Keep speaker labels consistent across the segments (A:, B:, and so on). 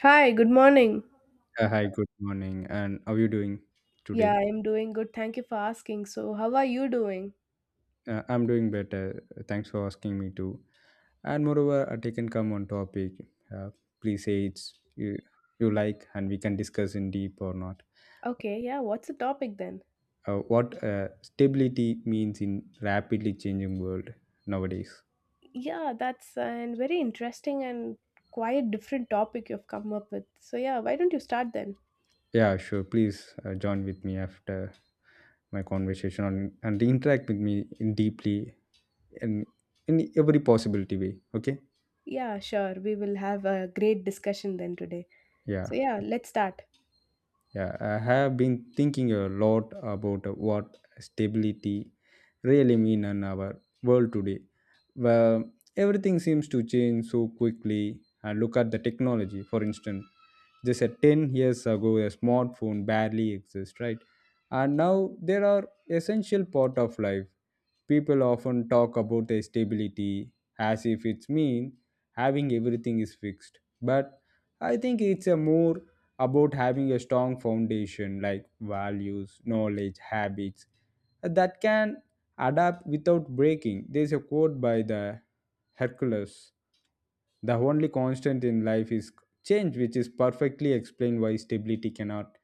A: Hi, good morning.
B: Hi, good morning. And how are you doing today?
A: Yeah, I'm doing good. Thank you for asking. So, how are you doing?
B: I'm doing better. Thanks for asking me to. And moreover, I can come on topic. Uh, Please say it's you like, and we can discuss in deep or not.
A: Okay, yeah, what's the topic then?
B: What stability means in rapidly changing world nowadays.
A: Yeah, that's a very interesting and quite different topic you've come up with. So, yeah, why don't you start then?
B: Yeah, sure. Please join with me after my conversation on, and interact with me in deeply in in every possibility way. Okay.
A: Yeah, sure. We will have a great discussion then today.
B: Yeah.
A: So, yeah, let's start.
B: Yeah, I have been thinking a lot about what stability really mean in our world today. Well, everything seems to change so quickly. And look at the technology, for instance. Just at 10 years ago, a smartphone barely exists, right? And now there are essential part of life. People often talk about their stability as if it's mean having everything is fixed. But I think it's a more about having a strong foundation like values, knowledge, habits that can adapt without breaking. There's a quote by the Hercules. The only constant in life is change, which is perfectly explained why stability cannot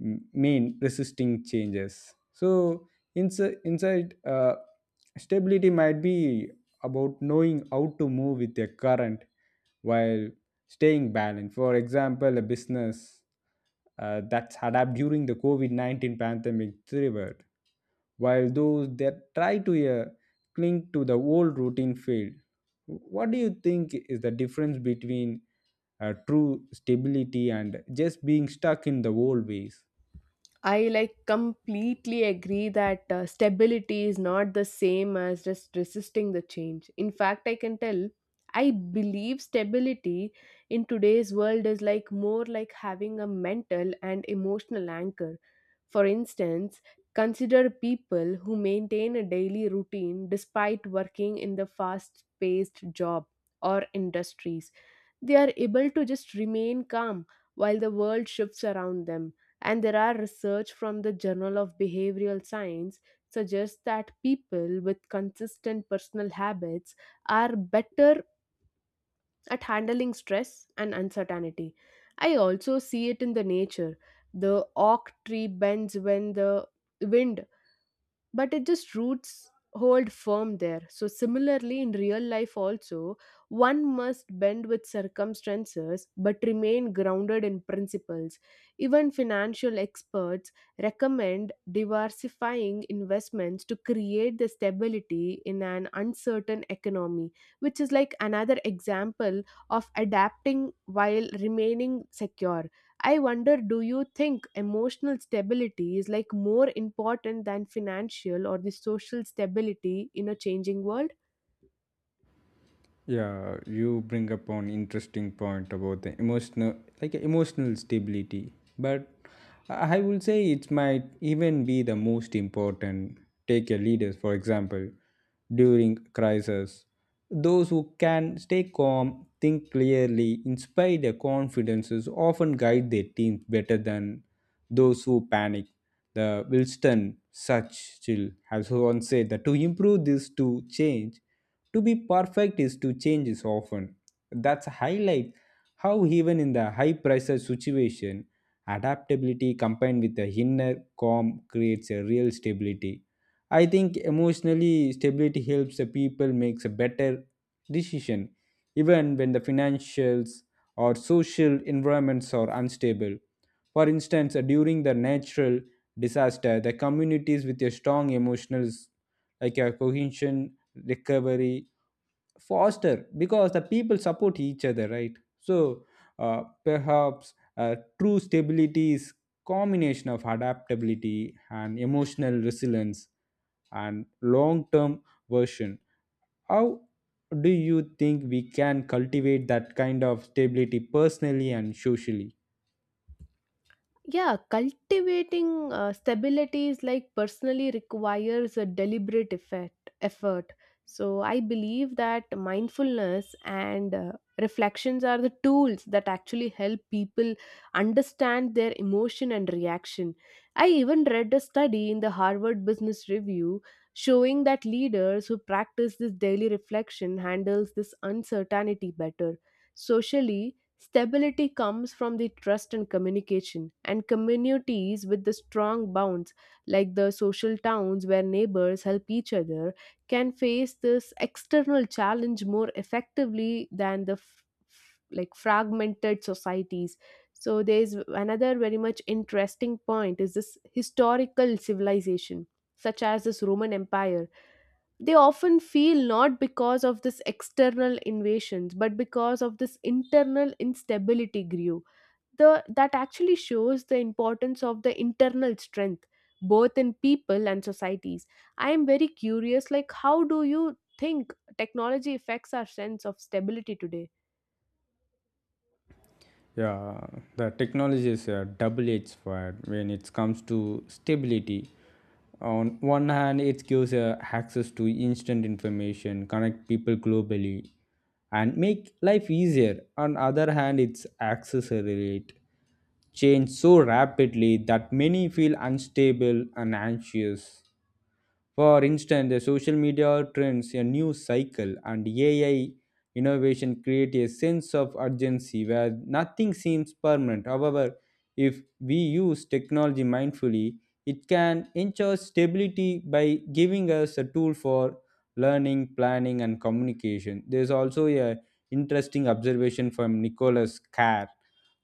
B: mean resisting changes. So inside stability might be about knowing how to move with a current while staying balanced. For example, a business that's adapt during the COVID-19 pandemic thrived, while those that try to cling to the old routine failed. What do you think is the difference between true stability and just being stuck in the old ways?
A: I like completely agree that stability is not the same as just resisting the change. In fact, I can tell I believe stability in today's world is like more like having a mental and emotional anchor. For instance, consider people who maintain a daily routine despite working in the fast paced job or industries they are able to just remain calm while the world shifts around them. And there are research from the Journal of Behavioral Science suggests that people with consistent personal habits are better at handling stress and uncertainty. I also see it in the nature. The oak tree bends when the wind, but it just roots hold firm there. So similarly in real life also, one must bend with circumstances but remain grounded in principles. Even financial experts recommend diversifying investments to create the stability in an uncertain economy, which is like another example of adapting while remaining secure. I wonder, do you think emotional stability is like more important than financial or the social stability in a changing world?
B: Yeah, you bring up an interesting point about the emotional stability. But I will say it might even be the most important. Take a leader, for example, during crisis. Those who can stay calm, think clearly, inspire their confidences, often guide their teams better than those who panic. The Wilston Churchill has once said that to improve this to change to be perfect is to change is often. That's highlight how even in the high pressure situation, adaptability combined with the inner calm creates a real stability. I think emotionally stability helps the people makes a better decision even when the financials or social environments are unstable. For instance, during the natural disaster, the communities with a strong emotional, like a cohesion recovery faster because the people support each other, right? So, perhaps true stability is combination of adaptability and emotional resilience and long term version. How do you think we can cultivate that kind of stability personally and socially?
A: Yeah, cultivating stability is like personally requires a deliberate effort. So I believe that mindfulness and reflections are the tools that actually help people understand their emotion and reaction. I even read a study in the Harvard Business Review showing that leaders who practice this daily reflection handles this uncertainty better. Socially, stability comes from the trust and communication, and communities with the strong bonds, like the social towns where neighbors help each other, can face this external challenge more effectively than like fragmented societies. So there is another very much interesting point is this historical civilization, such as this Roman Empire. They often feel not because of this external invasions but because of this internal instability grew the that actually shows the importance of the internal strength both in people and societies. I am very curious, like how do you think technology affects our sense of stability today?
B: Yeah, the technology is a double edged sword when it comes to stability. On one hand, it gives access to instant information, connect people globally, and make life easier. On other hand, it's accelerate change so rapidly that many feel unstable and anxious. For instance, the social media trends, a news cycle, and AI innovation create a sense of urgency where nothing seems permanent. However, if we use technology mindfully, it can ensure stability by giving us a tool for learning, planning, and communication. There's also a interesting observation from Nicholas Carr,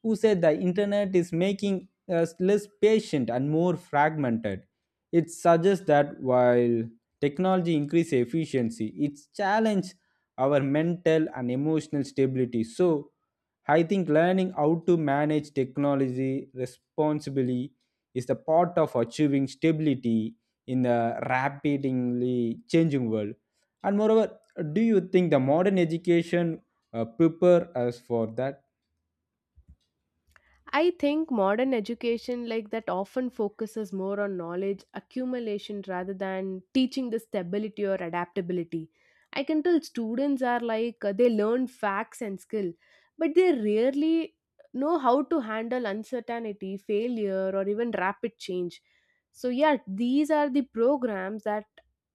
B: who said the internet is making us less patient and more fragmented. It suggests that while technology increases efficiency, it's challenged our mental and emotional stability. So I think learning how to manage technology responsibly is the part of achieving stability in a rapidly changing world. And moreover, do you think the modern education prepare us for that?
A: I think modern education like that often focuses more on knowledge accumulation rather than teaching the stability or adaptability. I can tell students are like they learn facts and skill, but they rarely know how to handle uncertainty, failure, or even rapid change. So, yeah, these are the programs that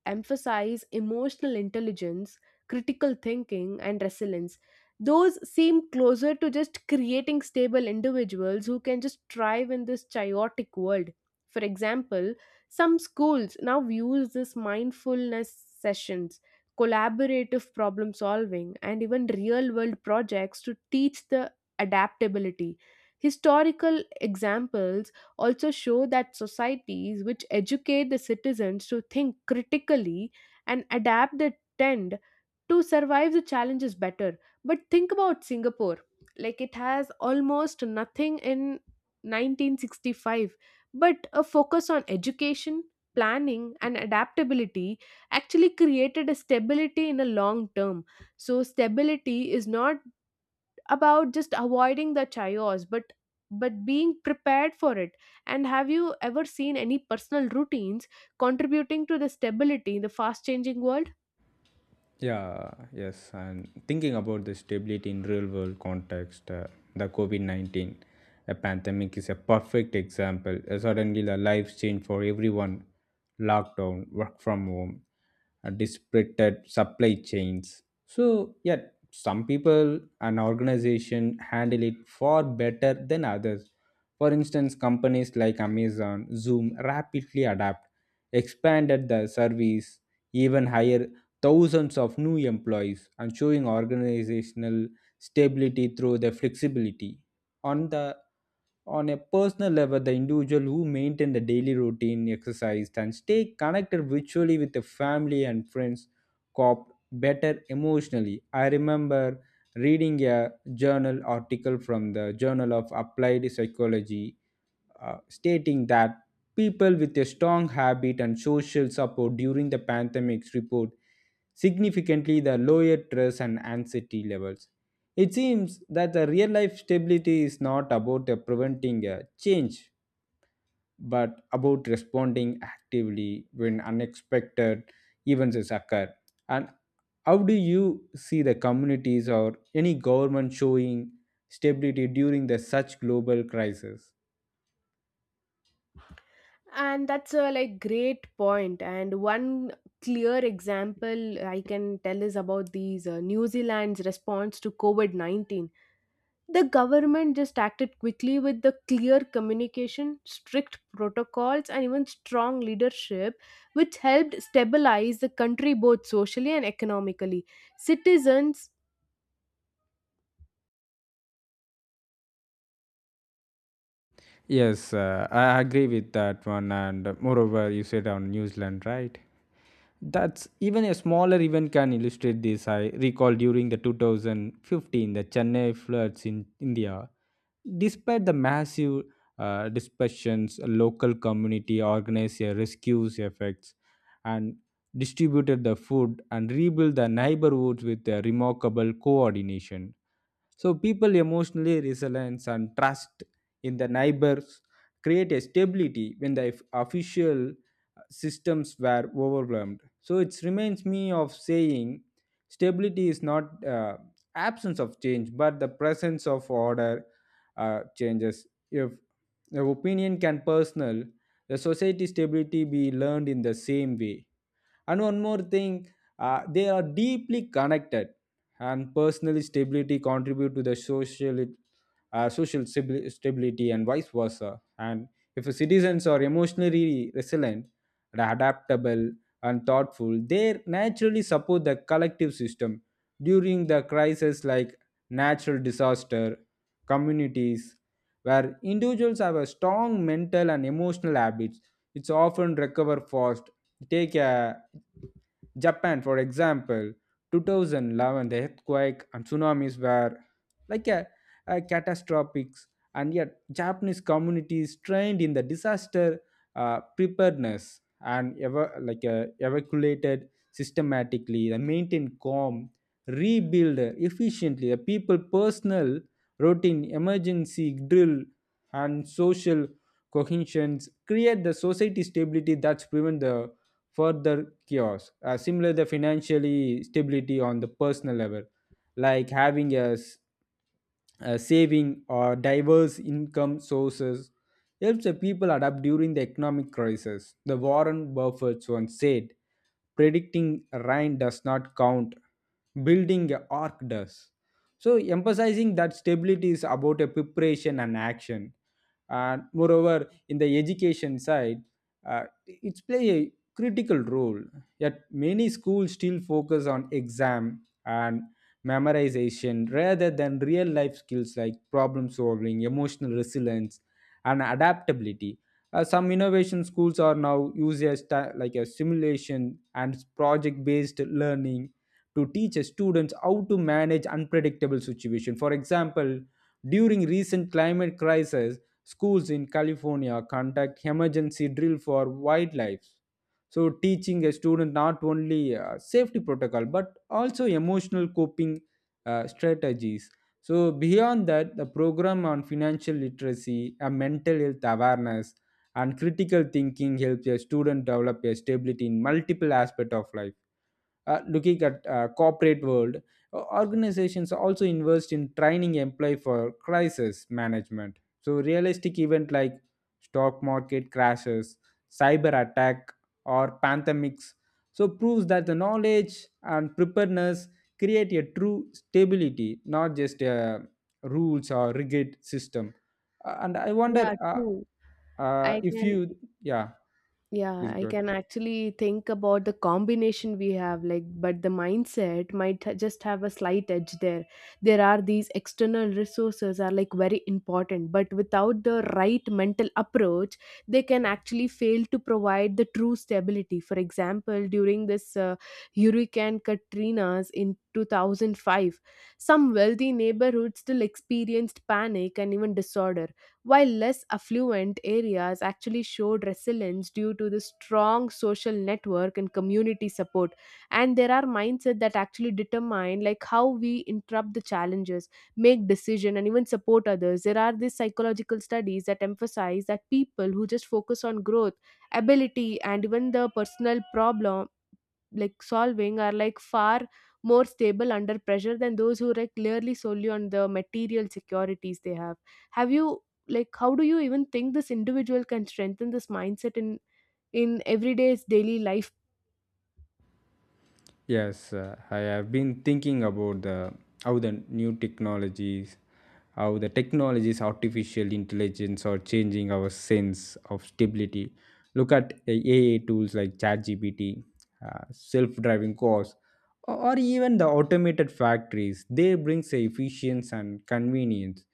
A: emphasize emotional intelligence, critical thinking, and resilience. Those seem closer to just creating stable individuals who can just thrive in this chaotic world. For example, some schools now use this mindfulness sessions, collaborative problem solving, and even real world projects to teach the adaptability. Historical examples also show that societies which educate the citizens to think critically and adapt the tend to survive the challenges better. But think about Singapore. Like it has almost nothing in 1965, but a focus on education, planning, and adaptability actually created a stability in a long term. So stability is not about just avoiding the chaos, but being prepared for it. And have you ever seen any personal routines contributing to the stability in the fast changing world?
B: Yeah, yes, and thinking about the stability in real world context, the COVID-19 a pandemic is a perfect example. Suddenly, the lives change for everyone, lockdown, work from home, disrupted supply chains. So, yeah, some people and organization handle it far better than others. For instance, companies like Amazon, Zoom rapidly adapt, expanded the service, even hire thousands of new employees and showing organizational stability through the flexibility on the on a personal level. The individual who maintain the daily routine, exercise, and stay connected virtually with the family and friends cop better emotionally. I remember reading a journal article from the Journal of Applied Psychology, stating that people with a strong habit and social support during the pandemic's report significantly the lower stress and anxiety levels. It seems that the real life stability is not about preventing a change, but about responding actively when unexpected events is occur. And how do you see the communities or any government showing stability during the such global crisis?
A: And that's a like great point. And one clear example I can tell is about these New Zealand's response to COVID-19. The government just acted quickly with the clear communication, strict protocols, and even strong leadership, which helped stabilize the country both socially and economically. Citizens,
B: Yes, I agree with that one. And moreover, you said on New Zealand, right? That's even a smaller event can illustrate this. I recall during the 2015 the Chennai floods in India. Despite the massive dispersions, local community organized a rescues efforts and distributed the food and rebuilt the neighborhoods with a remarkable coordination. So people emotionally resilience and trust in the neighbors create a stability when the official systems were overwhelmed. So it reminds me of saying stability is not absence of change, but the presence of order changes. If the opinion can personal, the society stability be learned in the same way. And one more thing, they are deeply connected, and personal stability contribute to the social stability and vice versa. And if citizens are emotionally resilient, and adaptable, and thoughtful, they naturally support the collective system during the crisis like natural disaster. Communities where individuals have a strong mental and emotional habits, it's often recover fast. Take a Japan, for example. 2011, the earthquake and tsunamis were like a catastrophic, and yet Japanese communities trained in the disaster preparedness and ever like evacuated systematically, they maintained calm, rebuild efficiently. The people personal routine, emergency drill, and social cohesions create the society stability that's prevent the further chaos. Similar, the financially stability on the personal level, like having a saving or diverse income sources, helps the people adapt during the economic crisis. The Warren Buffett once said, "Predicting rain does not count; building a ark does." So, emphasizing that stability is about a preparation and action. And moreover, in the education side, it's play a critical role. Yet many schools still focus on exam and memorization rather than real life skills like problem solving, emotional resilience, and adaptability. Some innovation schools are now using like a simulation and project based learning to teach students how to manage unpredictable situations. For example, during recent climate crisis, schools in California conduct emergency drill for wildlife, so teaching a student not only safety protocol but also emotional coping strategies. So beyond that, the program on financial literacy and mental health awareness and critical thinking helps a student develop a stability in multiple aspect of life. Looking at corporate world, organizations also invest in training employee for crisis management. So realistic event like stock market crashes, cyber attack, or pandemics, so proves that the knowledge and preparedness create a true stability, not just a rules or rigid system. And I wonder,
A: yeah,
B: uh,
A: true. I
B: if you,
A: can
B: yeah,
A: Yeah,
B: please go
A: I
B: ahead.
A: can actually think about the combination we have, like, but the mindset might just have a slight edge there. There are these external resources are like very important, but without the right mental approach, they can actually fail to provide the true stability. For example, during this Hurricane Katrina's in 2005, some wealthy neighborhoods still experienced panic and even disorder, while less affluent areas actually showed resilience due to the strong social network and community support. And there are mindset that actually determine like how we interrupt the challenges, make decision, and even support others. There are these psychological studies that emphasize that people who just focus on growth ability and even the personal problem like solving are like far more stable under pressure than those who like clearly solely on the material securities they have. Have you like how do you even think this individual can strengthen this mindset in everyday's daily life?
B: Yes, I have been thinking about the how the new technologies, how the technologies, artificial intelligence are changing our sense of stability. Look at AI tools like ChatGPT, self-driving cars, or even the automated factories. They bring efficiency and convenience,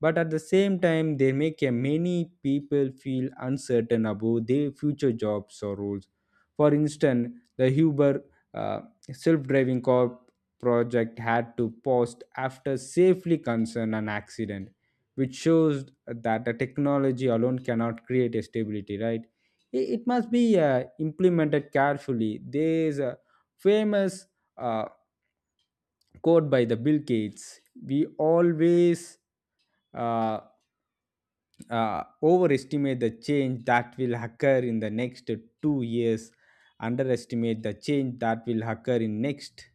B: but at the same time they make a many people feel uncertain about their future jobs or roles. For instance, the Uber uh, self-driving car project had to pause after safely concern an accident, which shows that the technology alone cannot create a stability, right? It must be implemented carefully. There is a famous uh, quote by the Bill Gates: we always uh, overestimate the change that will occur in the next 2 years, underestimate the change that will occur in next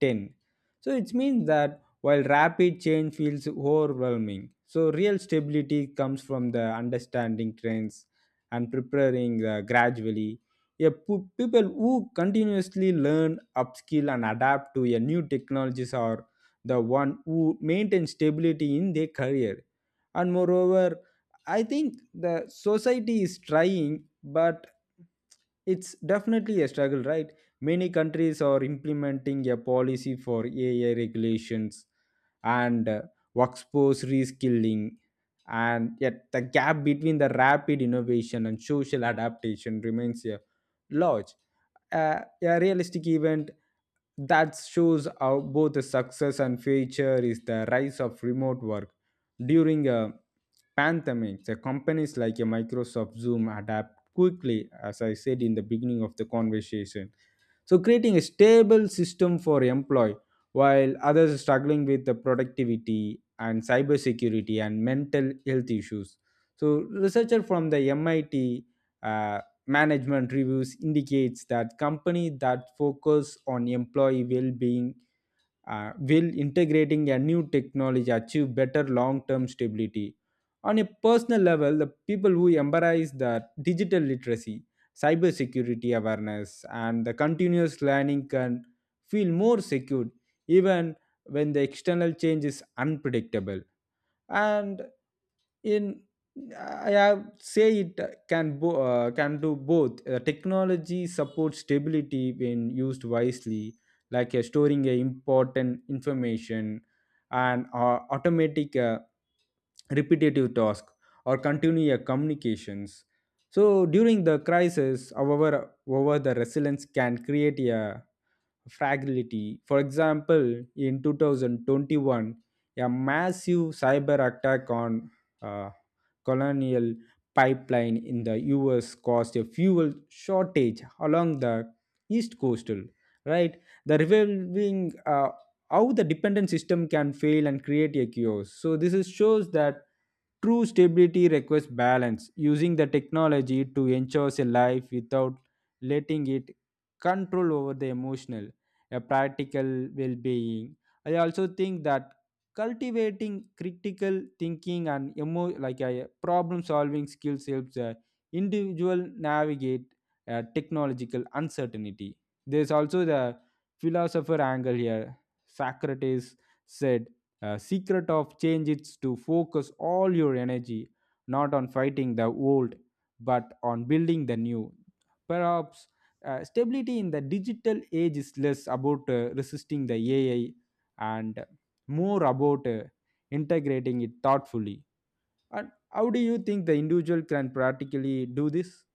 B: 10. So it means that while rapid change feels overwhelming, so real stability comes from the understanding trends and preparing gradually. Yeah, people who continuously learn upskill and adapt to a new technologies are the one who maintain stability in their career. And moreover, I think the society is trying, but it's definitely a struggle, right? Many countries are implementing a policy for AI regulations and workforce reskilling, and yet the gap between the rapid innovation and social adaptation remains large. A realistic event that shows how both the success and failure is the rise of remote work during a pandemic. The companies like Microsoft Zoom adapt quickly, as I said in the beginning of the conversation. So, creating a stable system for employee while others are struggling with the productivity and cybersecurity and mental health issues. So, researcher from the MIT uh, management reviews indicates that company that focus on employee well-being will integrating a new technology achieve better long-term stability? On a personal level, the people who embrace the digital literacy, cybersecurity awareness, and the continuous learning can feel more secure even when the external change is unpredictable. And in, I have say it can do both. Technology supports stability when used wisely, like storing important information and automatic repetitive task or continue your communications. So during the crisis, however, over the resilience can create a fragility. For example, in 2021, a massive cyber attack on uh, colonial pipeline in the US caused a fuel shortage along the east coastal, right? The revealing how the dependent system can fail and create a chaos. So shows that true stability requires balance, using the technology to ensure a life without letting it control over the emotional, a practical well-being. I also think that cultivating critical thinking and emo like problem solving skills helps individual navigate technological uncertainty. There's also the philosopher angle here. Socrates said, "Secret of change is to focus all your energy not on fighting the old, but on building the new." Perhaps stability in the digital age is less about resisting the AI and more about integrating it thoughtfully. And how do you think the individual can practically do this?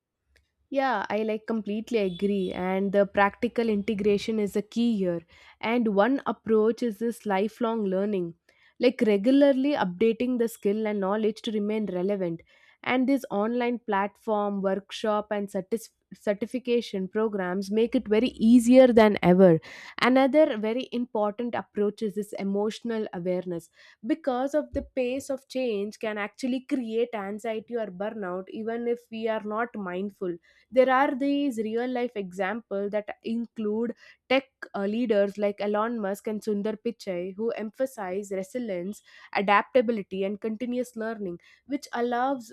A: Yeah, I like completely agree. And the practical integration is a key here. And one approach is this lifelong learning, like regularly updating the skill and knowledge to remain relevant. And this online platform, workshop, and certification programs make it very easier than ever. Another very important approach is this emotional awareness, because of the pace of change can actually create anxiety or burnout even if we are not mindful. There are these real life examples that include tech leaders like Elon Musk and Sundar Pichai who emphasize resilience, adaptability, and continuous learning, which allows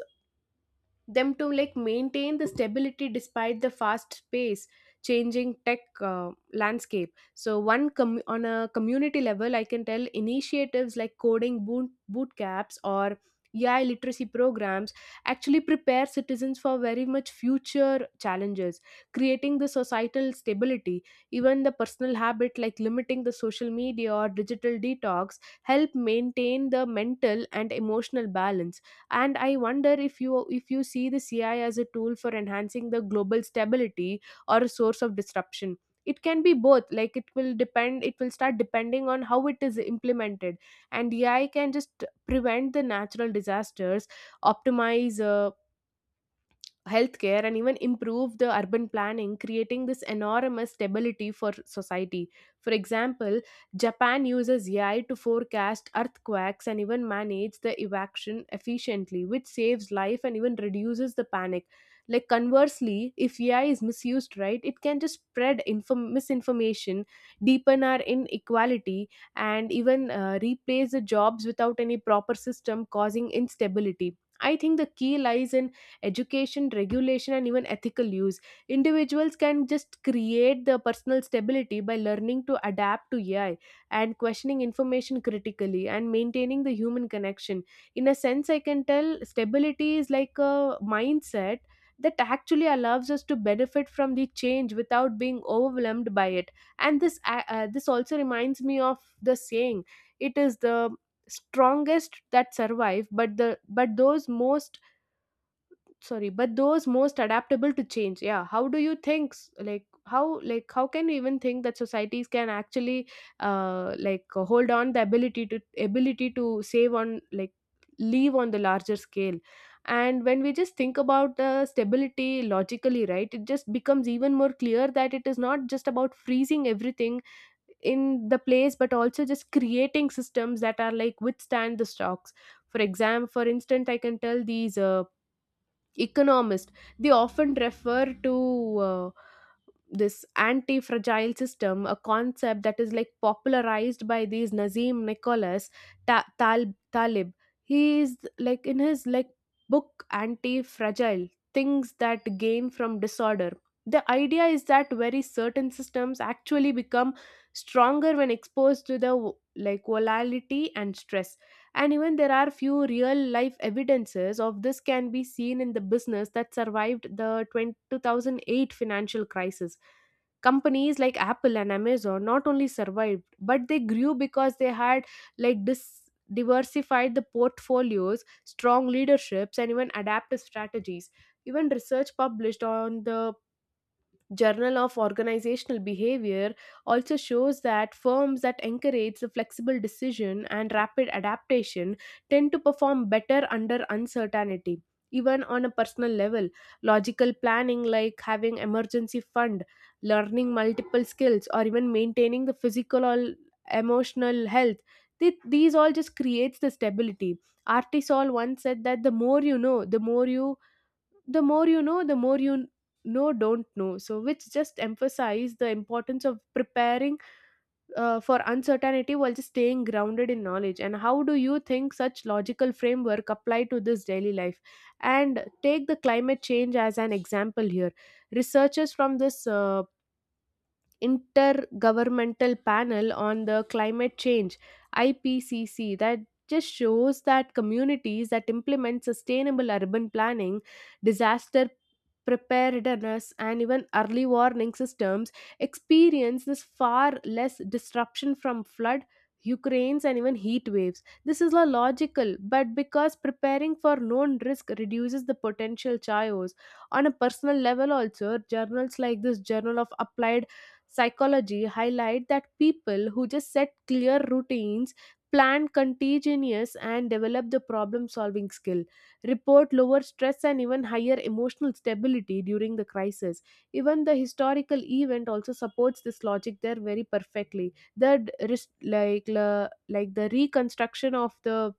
A: them to like maintain the stability despite the fast pace changing tech landscape. So on a community level, I can tell initiatives like coding boot camps or AI literacy programs actually prepare citizens for very much future challenges, creating the societal stability. Even the personal habit like limiting the social media or digital detox help maintain the mental and emotional balance. And I wonder if you see the CI as a tool for enhancing the global stability or a source of disruption. It can be both. Like it will depend, it will start depending on how it is implemented. And AI can just prevent the natural disasters, optimize healthcare, and even improve the urban planning, creating this enormous stability for society. For example, Japan uses AI to forecast earthquakes and even manage the evacuation efficiently, which saves life and even reduces the panic. Like conversely, if AI is misused, right, it can just spread misinformation, deepen our inequality, and even replace the jobs without any proper system causing instability. I think the key lies in education, regulation, and even ethical use. Individuals can just create the personal stability by learning to adapt to AI and questioning information critically and maintaining the human connection. In a sense, I can tell stability is like a mindset that actually allows us to benefit from the change without being overwhelmed by it. And this this also reminds me of the saying, it is the strongest that survive but the but those most sorry but those most adaptable to change. Yeah, how do you think like how can you even think that societies can actually like hold on the ability to ability to save on like leave on the larger scale? And when we just think about the stability logically, right, it just becomes even more clear that it is not just about freezing everything in the place, but also just creating systems that are like withstand the shocks. For example, for instance, I can tell these economist, they often refer to this anti-fragile system, a concept that is like popularized by these Nazim Nicholas Talib. He is like in his like book Anti-Fragile, things that gain from disorder. The idea is that very certain systems actually become stronger when exposed to the like volatility and stress. And even there are few real life evidences of this can be seen in the business that survived the 20 2008 financial crisis. Companies like Apple and Amazon not only survived but they grew because they had like dis- diversified the portfolios, strong leaderships, and even adaptive strategies. Even research published on the Journal of Organizational Behavior also shows that firms that encourage the flexible decision and rapid adaptation tend to perform better under uncertainty. Even on a personal level, logical planning like having emergency fund, learning multiple skills, or even maintaining the physical or emotional health, these all just creates the stability. Artisol once said that the more you know, the more you know the more you know don't know, so which just emphasize the importance of preparing for uncertainty while just staying grounded in knowledge. And how do you think such logical framework apply to this daily life, and take the climate change as an example here. Researchers from this intergovernmental panel on the climate change, IPCC, that just shows that communities that implement sustainable urban planning, disaster preparedness, and even early warning systems experience this far less disruption from flood, hurricanes, and even heat waves. This is a logical but because preparing for known risk reduces the potential chaos. On a personal level also, journals like this journal of applied psychology highlight that people who just set clear routines, plan contingencies, and develop the problem solving skill report lower stress and even higher emotional stability during the crisis. Even the historical event also supports this logic there very perfectly. The d- ris- like la- like the reconstruction of the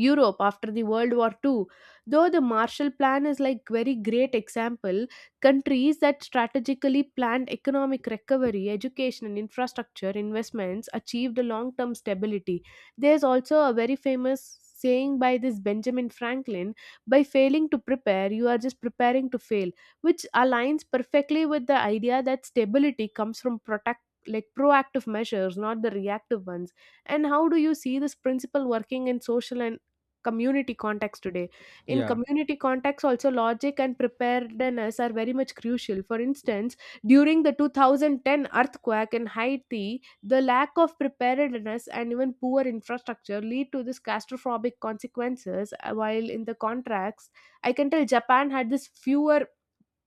A: Europe after the World War Two, though the Marshall Plan is like very great example, countries that strategically planned economic recovery, education and infrastructure investments achieved a long-term stability. There's also a very famous saying by this Benjamin Franklin, by failing to prepare, you are just preparing to fail, which aligns perfectly with the idea that stability comes from protect like proactive measures, not the reactive ones. And how do you see this principle working in social and community context today? In
B: Yeah.
A: community context, also logic and preparedness are very much crucial. For instance, during the 2010 earthquake in Haiti, the lack of preparedness and even poor infrastructure lead to this catastrophic consequences. While in the contracts, I can tell Japan had this fewer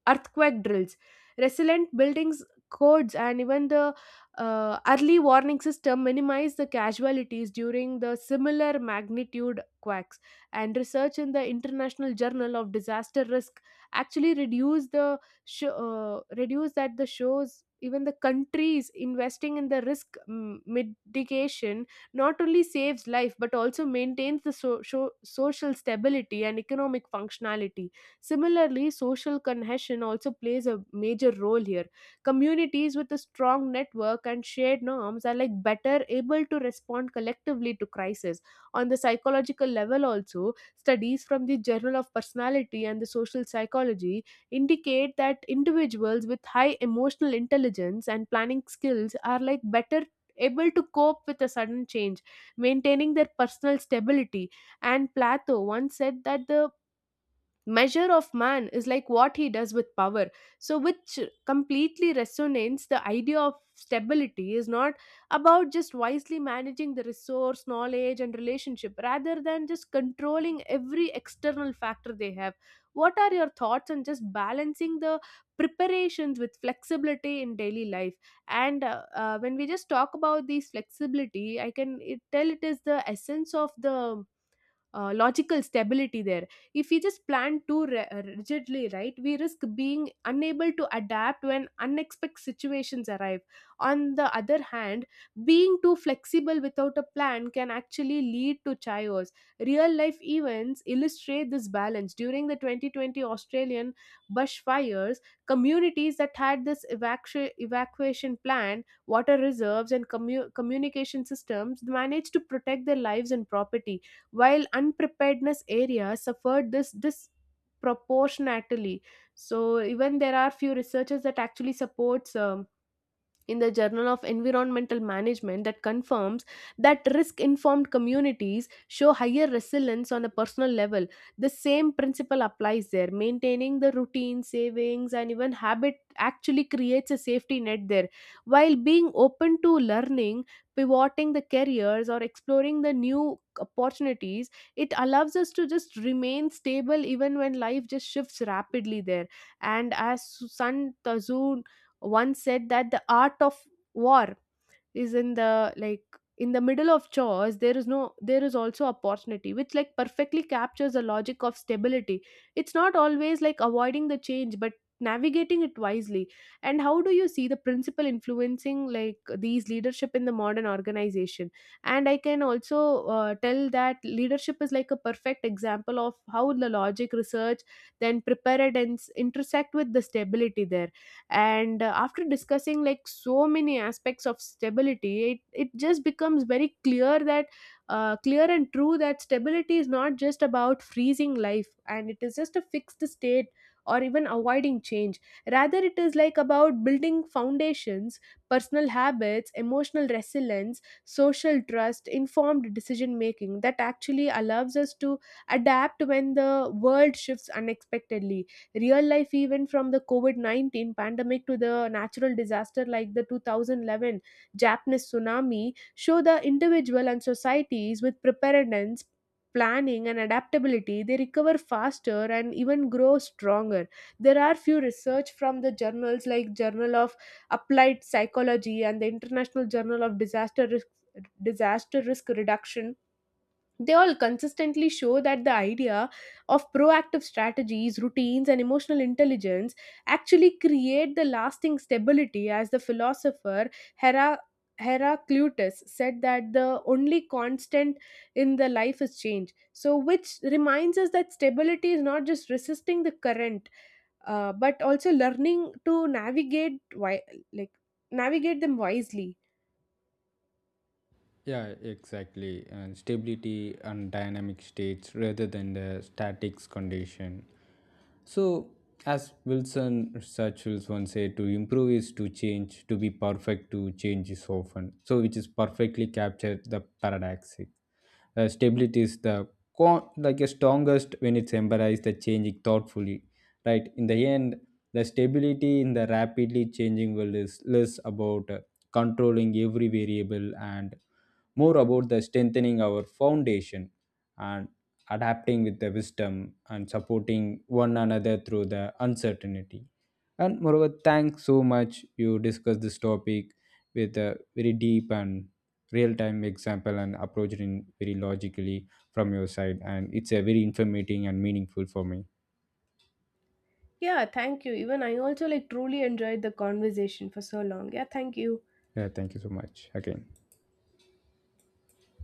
A: earthquake drills, resilient buildings codes, and even the early warning system minimize the casualties during the similar magnitude quakes. And research in the International Journal of Disaster Risk actually reduce the sh- reduce that the shows even the countries investing in the risk mitigation not only saves life but also maintains the social stability and economic functionality. Similarly, social cohesion also plays a major role here. Communities with a strong network and shared norms are like better able to respond collectively to crisis. On the psychological level also, studies from the Journal of Personality and the Social Psychology indicate that individuals with high emotional intelligence and planning skills are like better able to cope with a sudden change, maintaining their personal stability. And Plato once said that the measure of man is like what he does with power, so which completely resonates the idea of stability is not about just wisely managing the resource, knowledge and relationship rather than just controlling every external factor they have. What are your thoughts on just balancing the preparations with flexibility in daily life? And when we just talk about these flexibility, I can tell it is the essence of the logical stability there. If we just plan too rigidly, right, we risk being unable to adapt when unexpected situations arrive. On the other hand, being too flexible without a plan can actually lead to chaos. Real life events illustrate this balance. During the 2020 Australian bushfires, communities that had this evacuation plan, water reserves, and communication systems managed to protect their lives and property, while unpreparedness areas suffered this disproportionately. So, even there are few researchers that actually supports, in the Journal of Environmental Management, that confirms that risk informed communities show higher resilience on a personal level. The same principle applies there. Maintaining the routine, savings, and even habit actually creates a safety net there. While being open to learning, pivoting the careers, or exploring the new opportunities, it allows us to just remain stable even when life just shifts rapidly there. And as Sun Tzu one said that the art of war is in the in the middle of chores, there is no there is also opportunity, which like perfectly captures the logic of stability. It's not always like avoiding the change but navigating it wisely. And how do you see the principle influencing like these leadership in the modern organization? And I can also tell that leadership is like a perfect example of how the logic research, then preparedness intersect with the stability there. And after discussing like so many aspects of stability, it just becomes very clear that clear and true that stability is not just about freezing life and it is just a fixed state or even avoiding change. Rather it is like about building foundations, personal habits, emotional resilience, social trust, informed decision making, that actually allows us to adapt when the world shifts unexpectedly. Real life event from the covid-19 pandemic to the natural disaster like the 2011 Japanese tsunami show the individual and societies with preparedness, planning and adaptability, they recover faster and even grow stronger. There are few research from the journals like Journal of Applied Psychology and the International Journal of Disaster Risk Reduction, they all consistently show that the idea of proactive strategies, routines, and emotional intelligence actually create the lasting stability. As the philosopher Hera. Heraclitus said, that the only constant in the life is change. So, which reminds us that stability is not just resisting the current, but also learning to navigate wi- like navigate them wisely.
B: Yeah, exactly. And stability and dynamic states rather than the statics condition. So, as Wilson Churchill once said, to improve is to change, to be perfect to change is often. So, which is perfectly captured the paradoxic. Stability is the like a strongest when it's embraced the changing thoughtfully, right? In the end, the stability in the rapidly changing world is less about controlling every variable and more about the strengthening our foundation and adapting with the wisdom and supporting one another through the uncertainty. And moreover, thanks so much, you discussed this topic with a very deep and real-time example and approached in very logically from your side, and it's a very informative and meaningful for me.
A: Yeah, thank you. Even I also like truly enjoyed the conversation for so long. Yeah, thank you.
B: Yeah, thank you so much again.